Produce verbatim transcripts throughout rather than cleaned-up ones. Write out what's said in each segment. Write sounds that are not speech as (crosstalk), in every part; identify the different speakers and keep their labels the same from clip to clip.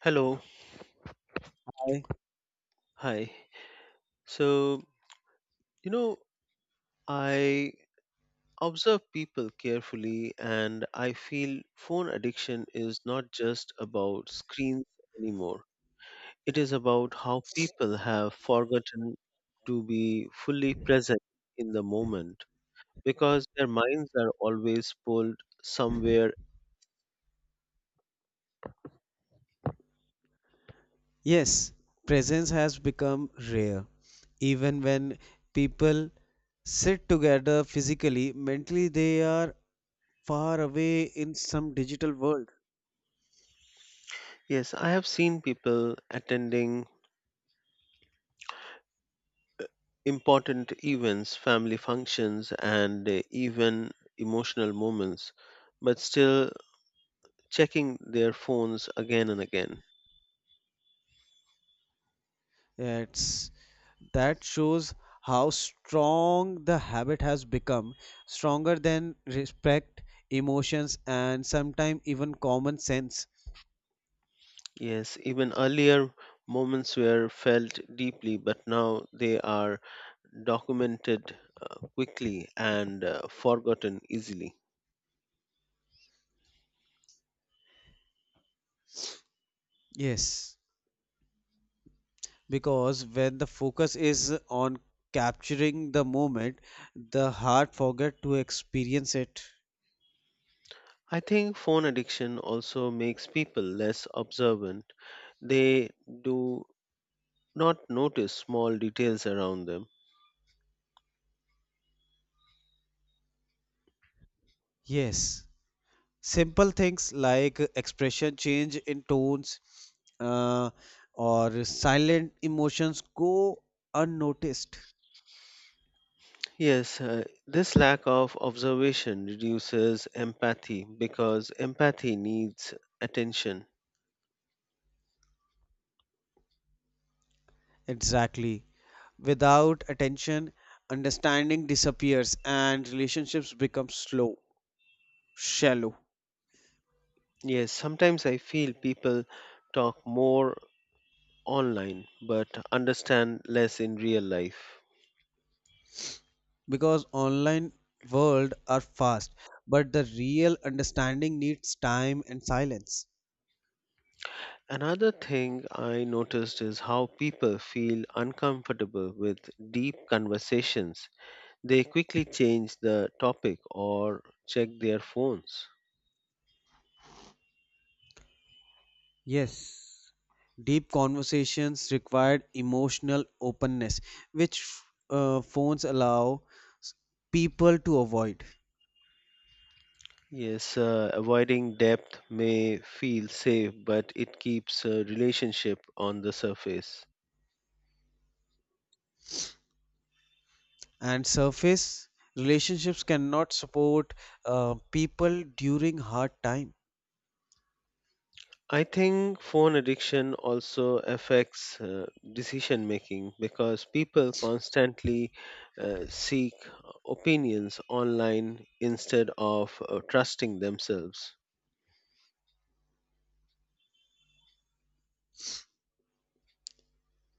Speaker 1: Hello,
Speaker 2: I-
Speaker 1: hi. So, you know, I observe people carefully and I feel phone addiction is not just about screens anymore. It is about how people have forgotten to be fully present in the moment because their minds are always pulled somewhere.
Speaker 2: Yes, presence has become rare. Even when people sit together physically, mentally they are far away in some digital world.
Speaker 1: Yes, I have seen people attending important events, family functions, and uh, even emotional moments, but still checking their phones again and again.
Speaker 2: It's, that shows how strong the habit has become, stronger than respect, emotions, and sometimes even common sense.
Speaker 1: Yes, even earlier moments were felt deeply, but now they are documented uh, quickly and uh, forgotten easily.
Speaker 2: Yes, because when the focus is on capturing the moment the heart forget to experience it.
Speaker 1: I think phone addiction also makes people less observant. They do not notice small details around them.
Speaker 2: Yes, simple things like expression change in tones, uh, or silent emotions go unnoticed.
Speaker 1: Yes, uh, this lack of observation reduces empathy because empathy needs attention.
Speaker 2: Exactly, without attention understanding disappears and relationships become slow, shallow.
Speaker 1: Yes, sometimes I feel people talk more online but understand less in real life.
Speaker 2: Because online world are fast but the real understanding needs time and silence.
Speaker 1: Another thing I noticed is how people feel uncomfortable with deep conversations. They quickly change the topic or check their phones.
Speaker 2: Yes, deep conversations required emotional openness which uh, phones allow s- people to avoid.
Speaker 1: Yes, uh, avoiding depth may feel safe, but it keeps a relationship on the surface.
Speaker 2: And surface relationships cannot support uh, people during hard time.
Speaker 1: I think phone addiction also affects uh, decision making because people constantly uh, seek opinions online instead of uh, trusting themselves.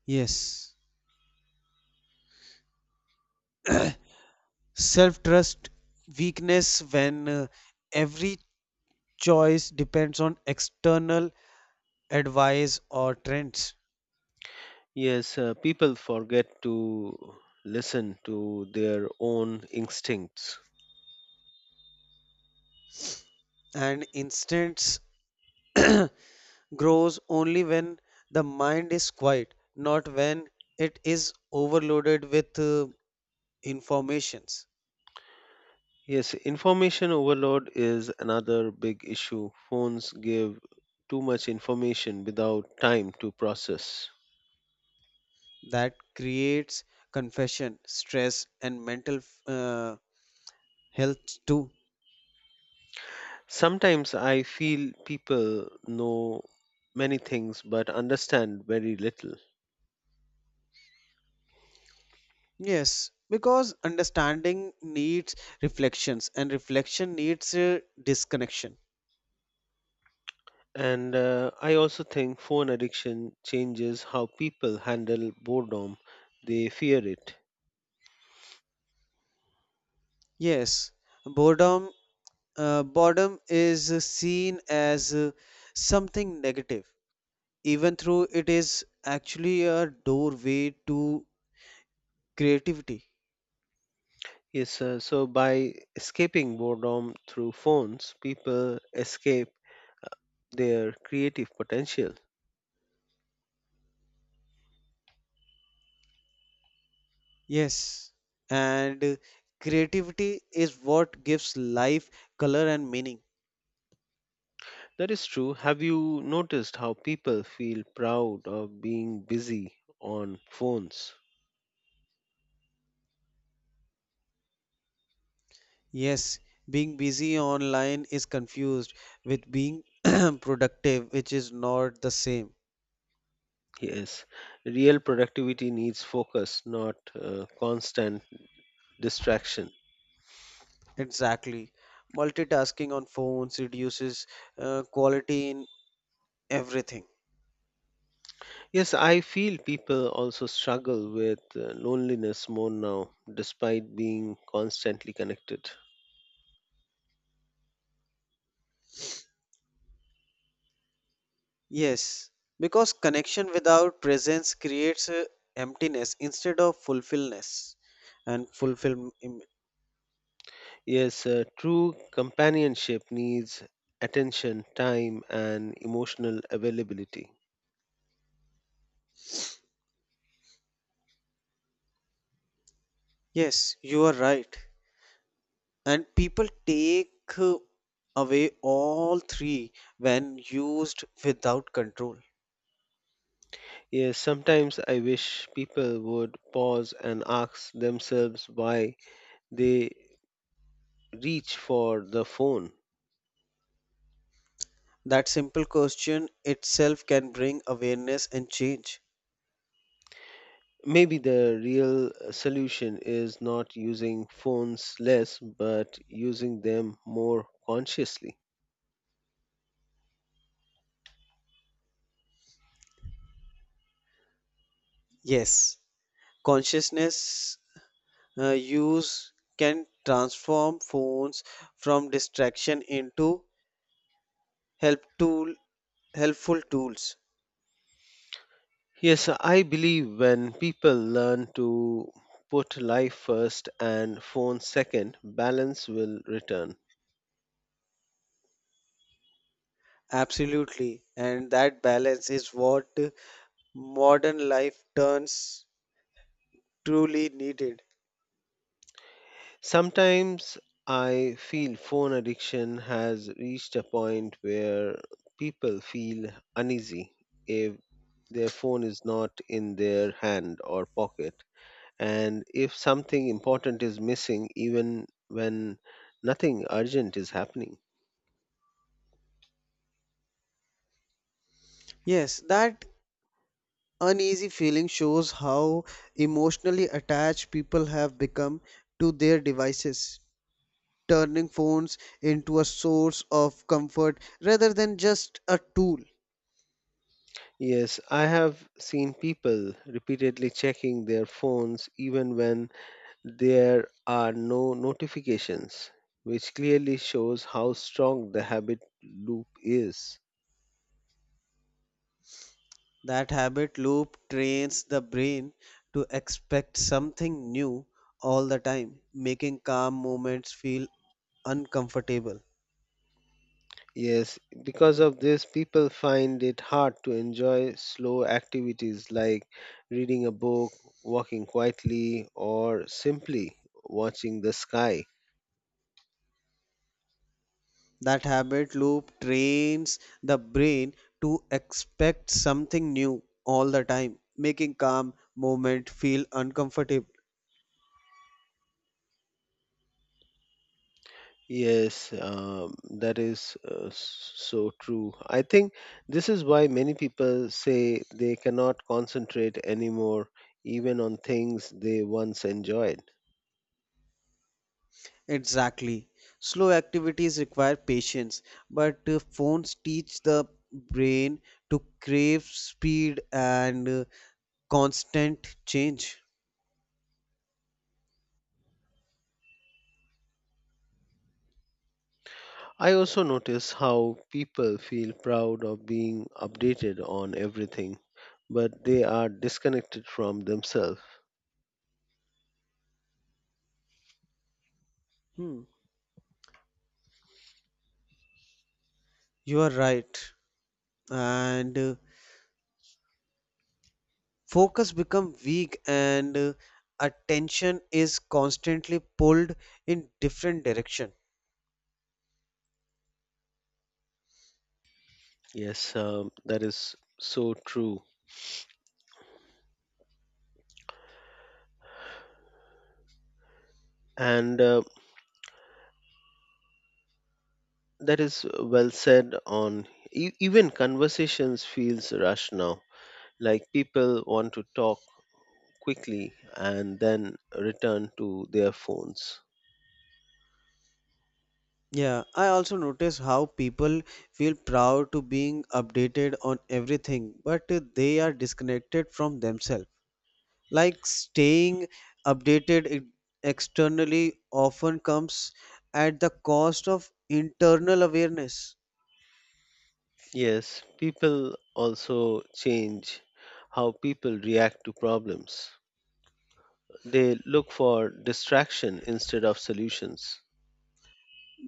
Speaker 2: Yes, self trust weakness when, uh, every choice depends on external advice or trends.
Speaker 1: Yes, uh, people forget to listen to their own instincts.
Speaker 2: And instincts grows only when the mind is quiet, not when it is overloaded with, uh, informations.
Speaker 1: Yes, information overload is another big issue. Phones give too much information without time to process.
Speaker 2: That creates confession stress and mental, uh, health too.
Speaker 1: Sometimes I feel people know many things but understand very little.
Speaker 2: Yes, because understanding needs reflections and reflection needs uh, disconnection.
Speaker 1: And uh, I also think phone addiction changes how people handle boredom. They fear it.
Speaker 2: Yes, boredom, uh, boredom is uh, seen as uh, something negative, even though it is actually a doorway to creativity.
Speaker 1: Yes, uh, so by escaping boredom through phones, people escape their creative potential.
Speaker 2: Yes, and creativity is what gives life color and meaning.
Speaker 1: That is true. Have you noticed how people feel proud of being busy on phones?
Speaker 2: Yes, being busy online is confused with being (clears throat) productive, which is not the same.
Speaker 1: Yes, real productivity needs focus, not uh, constant distraction.
Speaker 2: Exactly. Multitasking on phones reduces uh, quality in everything.
Speaker 1: Yes, I feel people also struggle with uh, loneliness more now, despite being constantly connected.
Speaker 2: Yes, because connection without presence creates uh, emptiness instead of fulfillness and fulfillment.
Speaker 1: Yes, uh, true companionship needs attention, time, and emotional availability.
Speaker 2: Yes, you are right. And people take, uh, away all three when used without control.
Speaker 1: Yes, sometimes I wish people would pause and ask themselves why they reach for the phone.
Speaker 2: That simple question itself can bring awareness and change.
Speaker 1: Maybe the real solution is not using phones less, but using them more consciously.
Speaker 2: Yes, consciousness uh, use can transform phones from distraction into help tool helpful tools.
Speaker 1: Yes, I believe when people learn to put life first and phone second, balance will return.
Speaker 2: Absolutely, and that balance is what modern life turns truly needed.
Speaker 1: Sometimes I feel phone addiction has reached a point where people feel uneasy if their phone is not in their hand or pocket, and if something important is missing, even when nothing urgent is happening.
Speaker 2: Yes, that uneasy feeling shows how emotionally attached people have become to their devices, turning phones into a source of comfort rather than just a tool.
Speaker 1: Yes, I have seen people repeatedly checking their phones even when there are no notifications, which clearly shows how strong the habit loop is.
Speaker 2: That habit loop trains the brain to expect something new all the time, making calm moments feel uncomfortable.
Speaker 1: Yes, because of this, people find it hard to enjoy slow activities like reading a book, walking quietly, or simply watching the sky.
Speaker 2: That habit loop trains the brain to expect something new all the time, making calm moment feel uncomfortable.
Speaker 1: Yes, um, that is uh, s- so true. I think this is why many people say they cannot concentrate anymore, even on things they once enjoyed.
Speaker 2: Exactly. Slow activities require patience, but uh, phones teach the brain to crave speed and, uh, constant change.
Speaker 1: I also notice how people feel proud of being updated on everything, but they are disconnected from themselves.
Speaker 2: Hmm. You are right. And uh, focus become weak and, uh, attention is constantly pulled in different direction.
Speaker 1: Yes, um, that is so true. And uh, that is well said on e- even conversations feels rushed now. Like people want to talk quickly and then return to their phones.
Speaker 2: Yeah, I also notice how people feel proud to being updated on everything, but uh, they are disconnected from themselves. Like staying updated e- externally often comes at the cost of internal awareness.
Speaker 1: Yes, people also change how people react to problems. They look for distraction instead of solutions.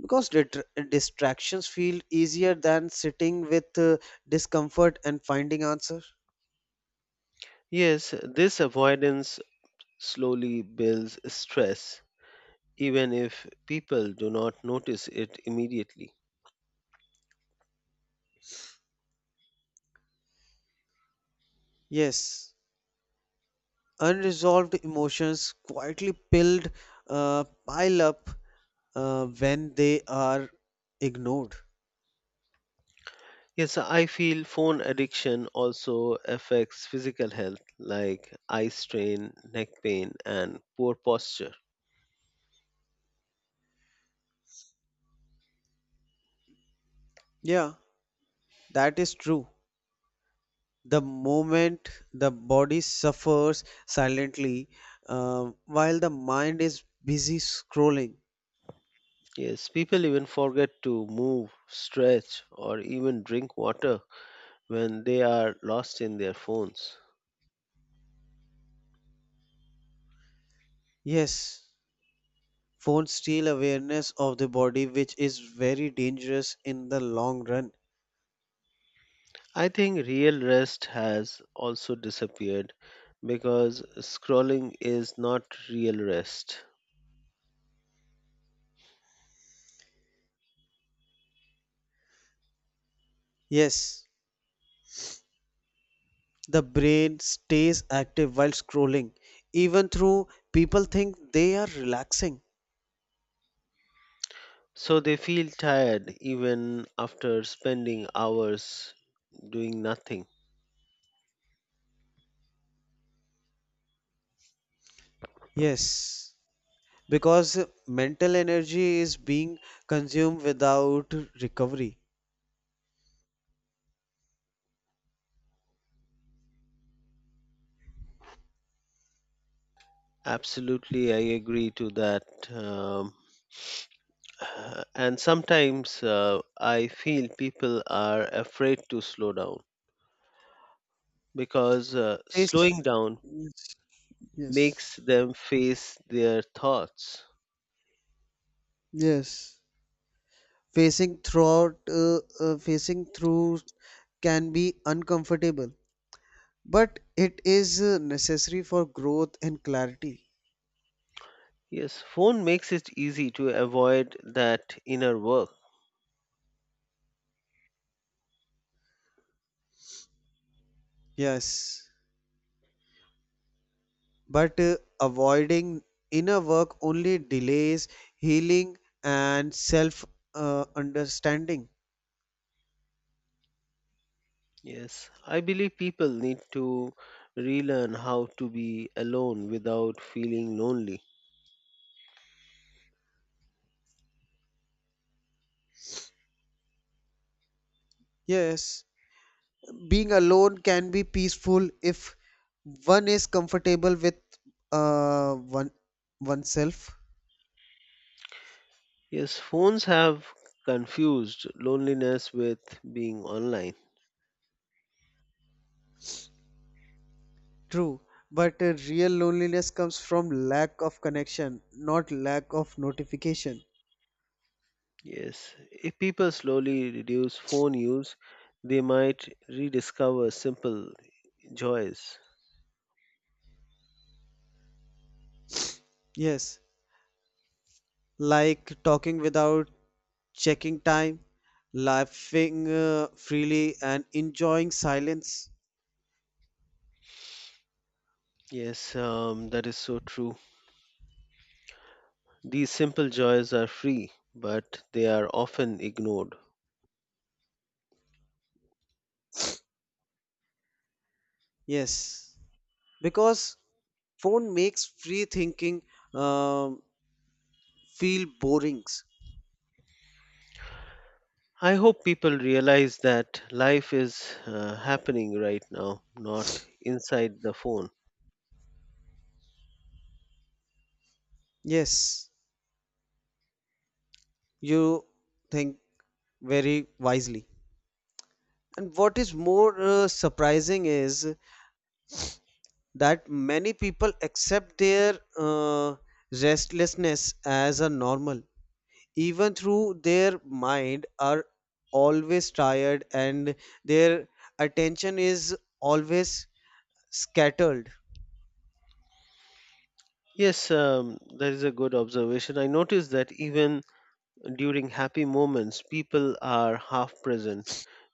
Speaker 2: Because dit- distractions feel easier than sitting with uh, discomfort and finding answer.
Speaker 1: Yes, this avoidance slowly builds stress, even if people do not notice it immediately.
Speaker 2: Yes, unresolved emotions quietly pilled uh, pile up uh, when they are ignored.
Speaker 1: Yes, so I feel phone addiction also affects physical health like eye strain, neck pain, and poor posture.
Speaker 2: Yeah, that is true. The moment the body suffers silently, uh, while the mind is busy scrolling.
Speaker 1: Yes, people even forget to move, stretch, or even drink water when they are lost in their phones.
Speaker 2: Yes, phones steal awareness of the body, which is very dangerous in the long run.
Speaker 1: I think real rest has also disappeared because scrolling is not real rest.
Speaker 2: Yes, the brain stays active while scrolling, even though people think they are relaxing.
Speaker 1: So they feel tired even after spending hours doing nothing.
Speaker 2: Yes, because mental energy is being consumed without recovery.
Speaker 1: Absolutely, I agree to that. Um, uh, and sometimes uh, I feel people are afraid to slow down because uh,
Speaker 2: Face,
Speaker 1: slowing down
Speaker 2: yes, yes,
Speaker 1: makes them face their thoughts.
Speaker 2: yes. facing throughout uh, uh, facing through can be uncomfortable, but it is uh, necessary for growth and clarity.
Speaker 1: Yes, phone makes it easy to avoid that inner work.
Speaker 2: Yes, but uh, avoiding inner work only delays healing and self uh, understanding.
Speaker 1: Yes, I believe people need to relearn how to be alone without feeling lonely.
Speaker 2: Yes, being alone can be peaceful if one is comfortable with, uh, one oneself.
Speaker 1: Yes, phones have confused loneliness with being online.
Speaker 2: True, but uh, real loneliness comes from lack of connection, not lack of notification.
Speaker 1: Yes, if people slowly reduce phone use, they might rediscover simple joys.
Speaker 2: Yes, like talking without checking time, laughing uh, freely, and enjoying silence.
Speaker 1: Yes, um, that is so true. These simple joys are free, but they are often ignored.
Speaker 2: Yes, because phone makes free thinking, um, feel boring.
Speaker 1: I hope people realize that life is uh, happening right now, not inside the phone.
Speaker 2: Yes, you think very wisely. And what is more uh, surprising is that many people accept their, uh, restlessness as a normal, even through their mind are always tired and their attention is always scattered.
Speaker 1: Yes, um, that is a good observation. I noticed that even during happy moments, people are half present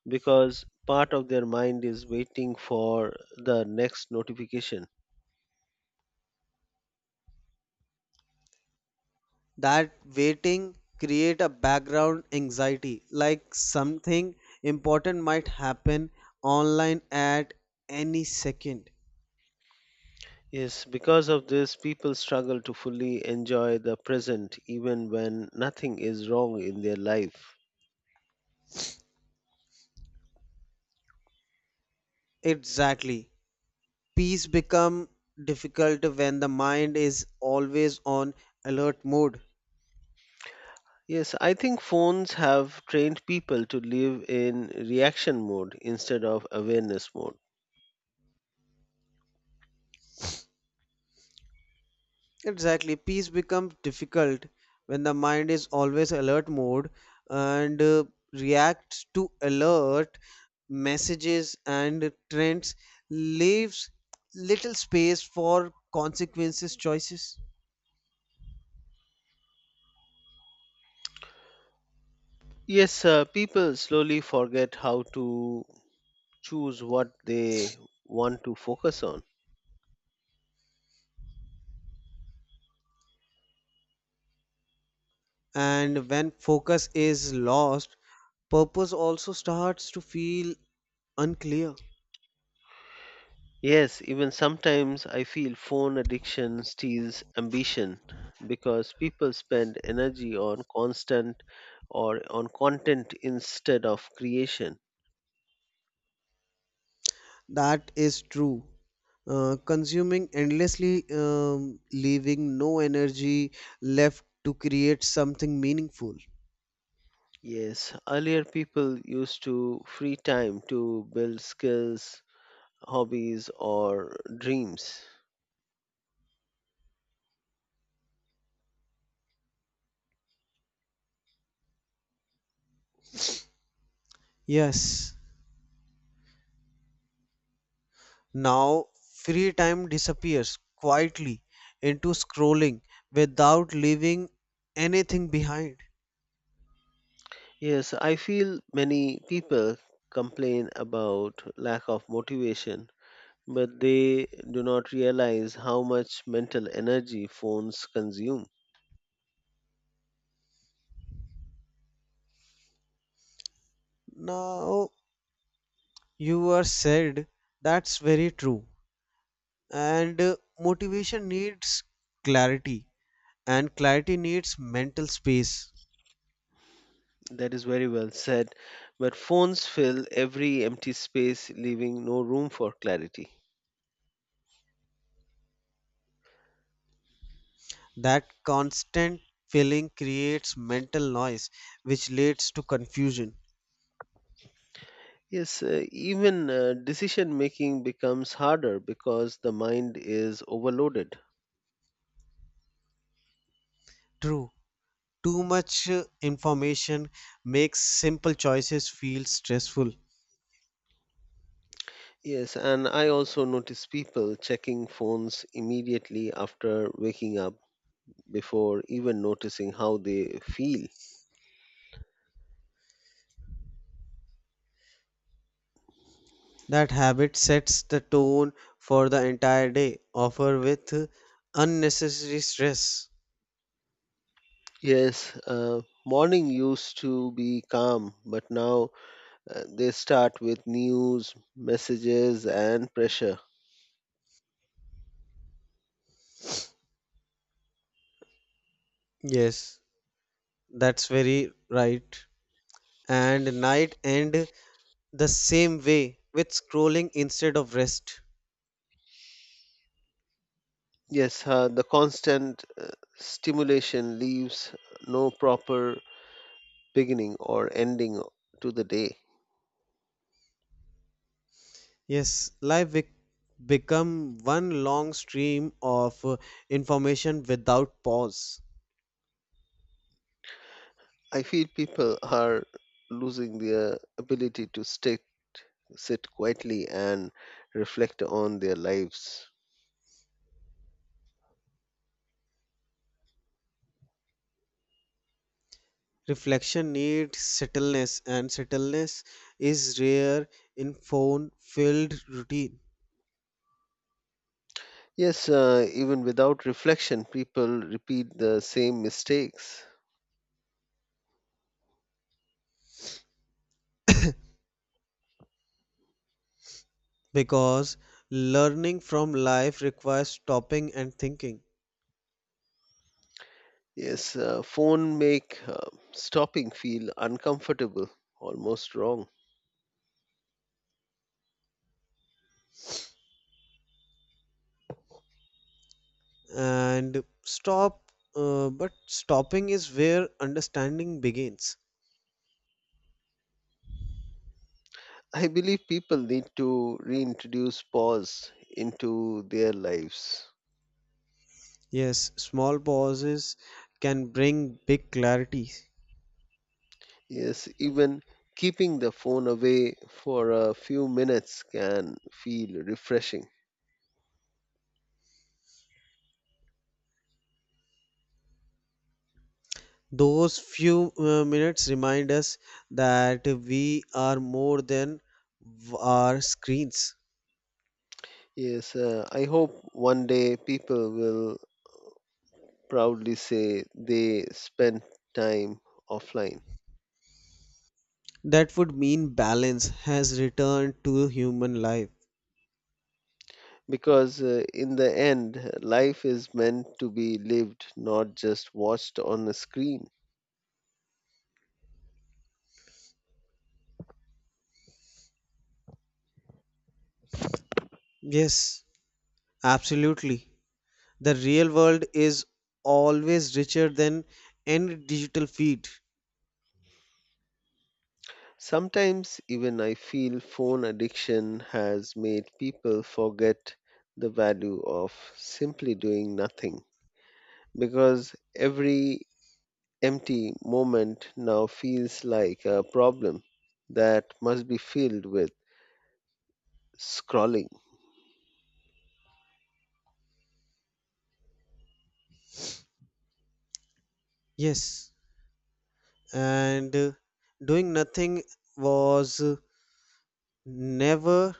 Speaker 1: because part of their mind is waiting for the next notification.
Speaker 2: That waiting create a background anxiety, like something important might happen online at any second.
Speaker 1: Yes, because of this, people struggle to fully enjoy the present even when nothing is wrong in their life.
Speaker 2: Exactly. Peace become difficult when the mind is always on alert mode.
Speaker 1: Yes, I think phones have trained people to live in reaction mode instead of awareness mode.
Speaker 2: Exactly, peace becomes difficult when the mind is always alert mode and, uh, reacts to alert messages and trends, leaves little space for consequences choices.
Speaker 1: Yes, uh, people slowly forget how to choose what they want to focus on.
Speaker 2: And when focus is lost, purpose also starts to feel unclear.
Speaker 1: Yes, even sometimes I feel phone addiction steals ambition because people spend energy on constant or on content instead of creation.
Speaker 2: That is true. Uh, consuming endlessly, um, leaving no energy left to create something meaningful.
Speaker 1: Yes, earlier people used to free time to build skills, hobbies, or dreams.
Speaker 2: Yes. Now, free time disappears quietly into scrolling without leaving anything behind.
Speaker 1: Yes, I feel many people complain about lack of motivation, but they do not realize how much mental energy phones consume.
Speaker 2: Now, you are said, that's very true. And uh, motivation needs clarity, and clarity needs mental space.
Speaker 1: That is very well said. But phones fill every empty space, leaving no room for clarity.
Speaker 2: That constant filling creates mental noise, which leads to confusion.
Speaker 1: Yes, uh, even uh, decision making becomes harder because the mind is overloaded.
Speaker 2: True, too much uh, information makes simple choices feel stressful.
Speaker 1: Yes, and I also notice people checking phones immediately after waking up before even noticing how they feel.
Speaker 2: That habit sets the tone for the entire day, often with uh, unnecessary stress.
Speaker 1: Yes, uh, morning used to be calm, but now uh, they start with news, messages, and pressure.
Speaker 2: Yes, that's very right. And night end the same way with scrolling instead of rest.
Speaker 1: Yes, uh, the constant uh, stimulation leaves no proper beginning or ending to the day.
Speaker 2: Yes, life bec- become one long stream of uh, information without pause.
Speaker 1: I feel people are losing their ability to stick, sit quietly and reflect on their lives.
Speaker 2: Reflection needs settledness, and settledness is rare in phone-filled routine.
Speaker 1: Yes, uh, even without reflection, people repeat the same mistakes.
Speaker 2: Because learning from life requires stopping and thinking.
Speaker 1: Yes, uh, phone make uh, stopping feel uncomfortable, almost wrong.
Speaker 2: And stop, uh, but stopping is where understanding begins.
Speaker 1: I believe people need to reintroduce pause into their lives.
Speaker 2: Yes, small pauses can bring big clarity.
Speaker 1: Yes, even keeping the phone away for a few minutes can feel refreshing.
Speaker 2: Those few uh, minutes remind us that we are more than v- our screens.
Speaker 1: Yes, uh, I hope one day people will proudly say they spent time offline
Speaker 2: That would mean balance has returned to human life.
Speaker 1: because uh, in the end, life is meant to be lived, not just watched on a screen.
Speaker 2: Yes, absolutely. The real world is always richer than any digital feed.
Speaker 1: Sometimes even I feel phone addiction has made people forget the value of simply doing nothing because every empty moment now feels like a problem that must be filled with scrolling.
Speaker 2: Yes, and uh, doing nothing was uh, never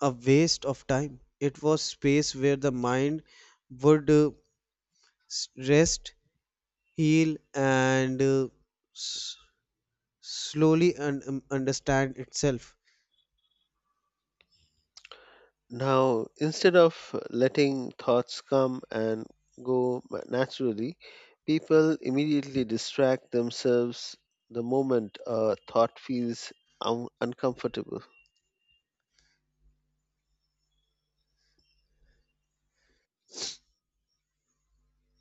Speaker 2: a waste of time. It was space where the mind would, uh, s- rest, heal, and, uh, s- slowly un- um, understand itself.
Speaker 1: Now, instead of letting thoughts come and go ma- naturally, people immediately distract themselves the moment a thought feels un- uncomfortable.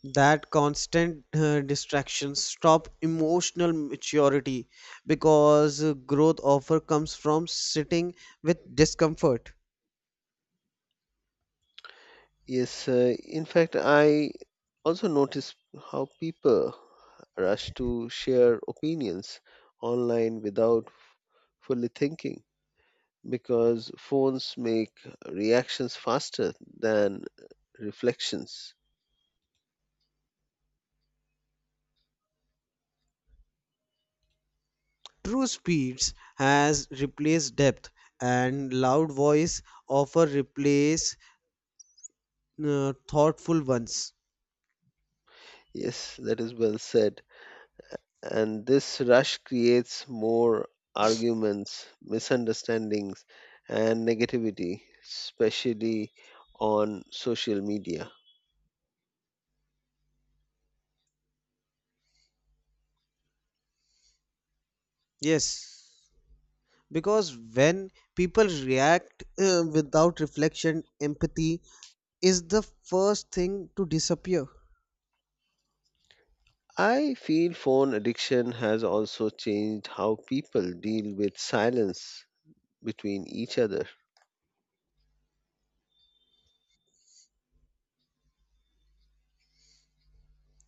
Speaker 2: That constant uh, distractions stop emotional maturity, because uh, growth offer comes from sitting with discomfort.
Speaker 1: Yes, uh, in fact, I also notice how people rush to share opinions online without fully thinking because phones make reactions faster than reflections.
Speaker 2: True, speeds has replaced depth and loud voice offer replace uh, thoughtful ones.
Speaker 1: Yes, that is well said. And this rush creates more arguments, misunderstandings, and negativity, especially on social media.
Speaker 2: Yes, because when people react, uh, without reflection empathy is the first thing to disappear.
Speaker 1: I feel phone addiction has also changed how people deal with silence between each other.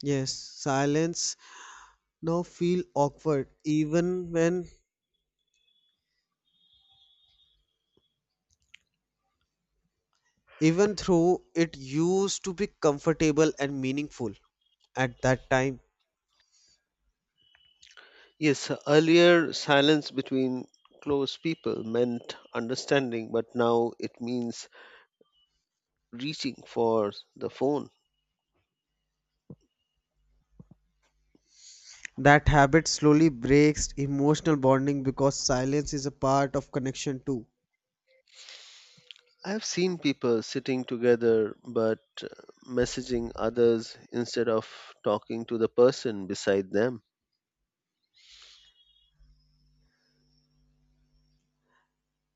Speaker 2: Yes, silence now feel awkward even when, even though it used to be comfortable and meaningful at that time.
Speaker 1: Yes, earlier silence between close people meant understanding, but now it means reaching for the phone.
Speaker 2: That habit slowly breaks emotional bonding because silence is a part of connection too.
Speaker 1: I've seen people sitting together but uh, messaging others instead of talking to the person beside them.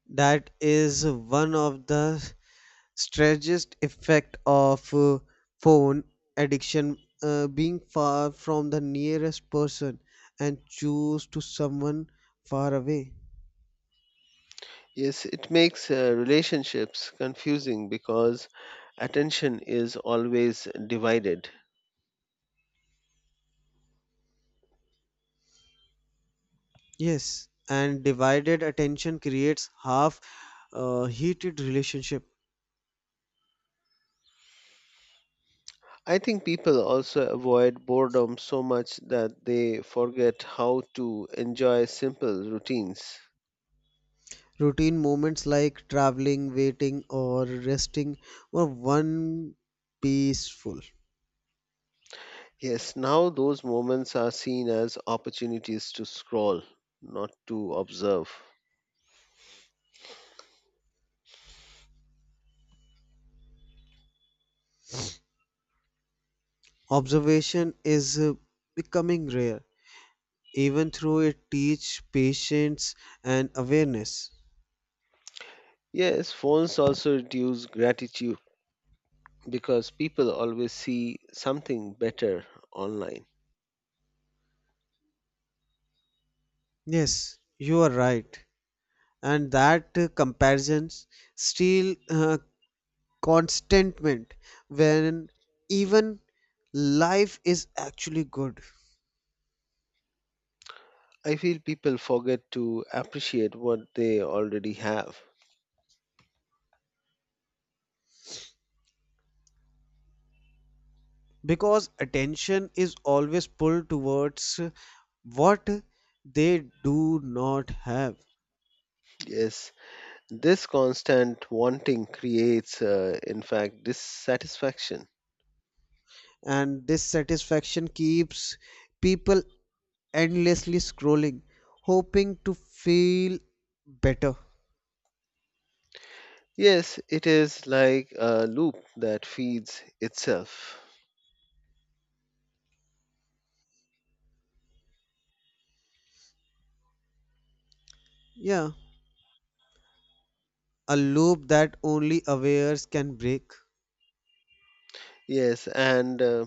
Speaker 2: That is one of the strangest effect of uh, phone addiction, uh, being far from the nearest person and choose to someone far away.
Speaker 1: Yes, it makes uh, relationships confusing because attention is always divided.
Speaker 2: Yes, and divided attention creates half uh, heated relationship.
Speaker 1: I think people also avoid boredom so much that they forget how to enjoy simple routines.
Speaker 2: Routine moments like traveling, waiting, or resting were one peaceful.
Speaker 1: Yes, now those moments are seen as opportunities to scroll, not to observe.
Speaker 2: Observation is uh, becoming rare, even through it teach patience and awareness.
Speaker 1: Yes, phones also reduce gratitude because people always see something better online.
Speaker 2: Yes, you are right. And that uh, comparisons steal uh, contentment when even life is actually good.
Speaker 1: I feel people forget to appreciate what they already have.
Speaker 2: Because attention is always pulled towards what they do not have.
Speaker 1: Yes, this constant wanting creates, uh, in fact, dissatisfaction.
Speaker 2: And this satisfaction keeps people endlessly scrolling, hoping to feel better.
Speaker 1: Yes, it is like a loop that feeds itself.
Speaker 2: Yeah, a loop that only awares can break.
Speaker 1: Yes, and uh,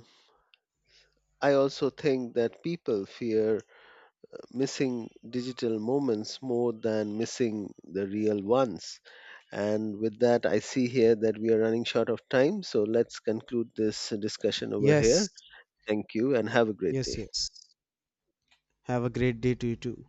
Speaker 1: I also think that people fear missing digital moments more than missing the real ones. And with that, I see here that we are running short of time, so let's conclude this discussion over here.
Speaker 2: Yes,
Speaker 1: Thank you and have a great
Speaker 2: yes,
Speaker 1: day.
Speaker 2: yes, have a great day to you too.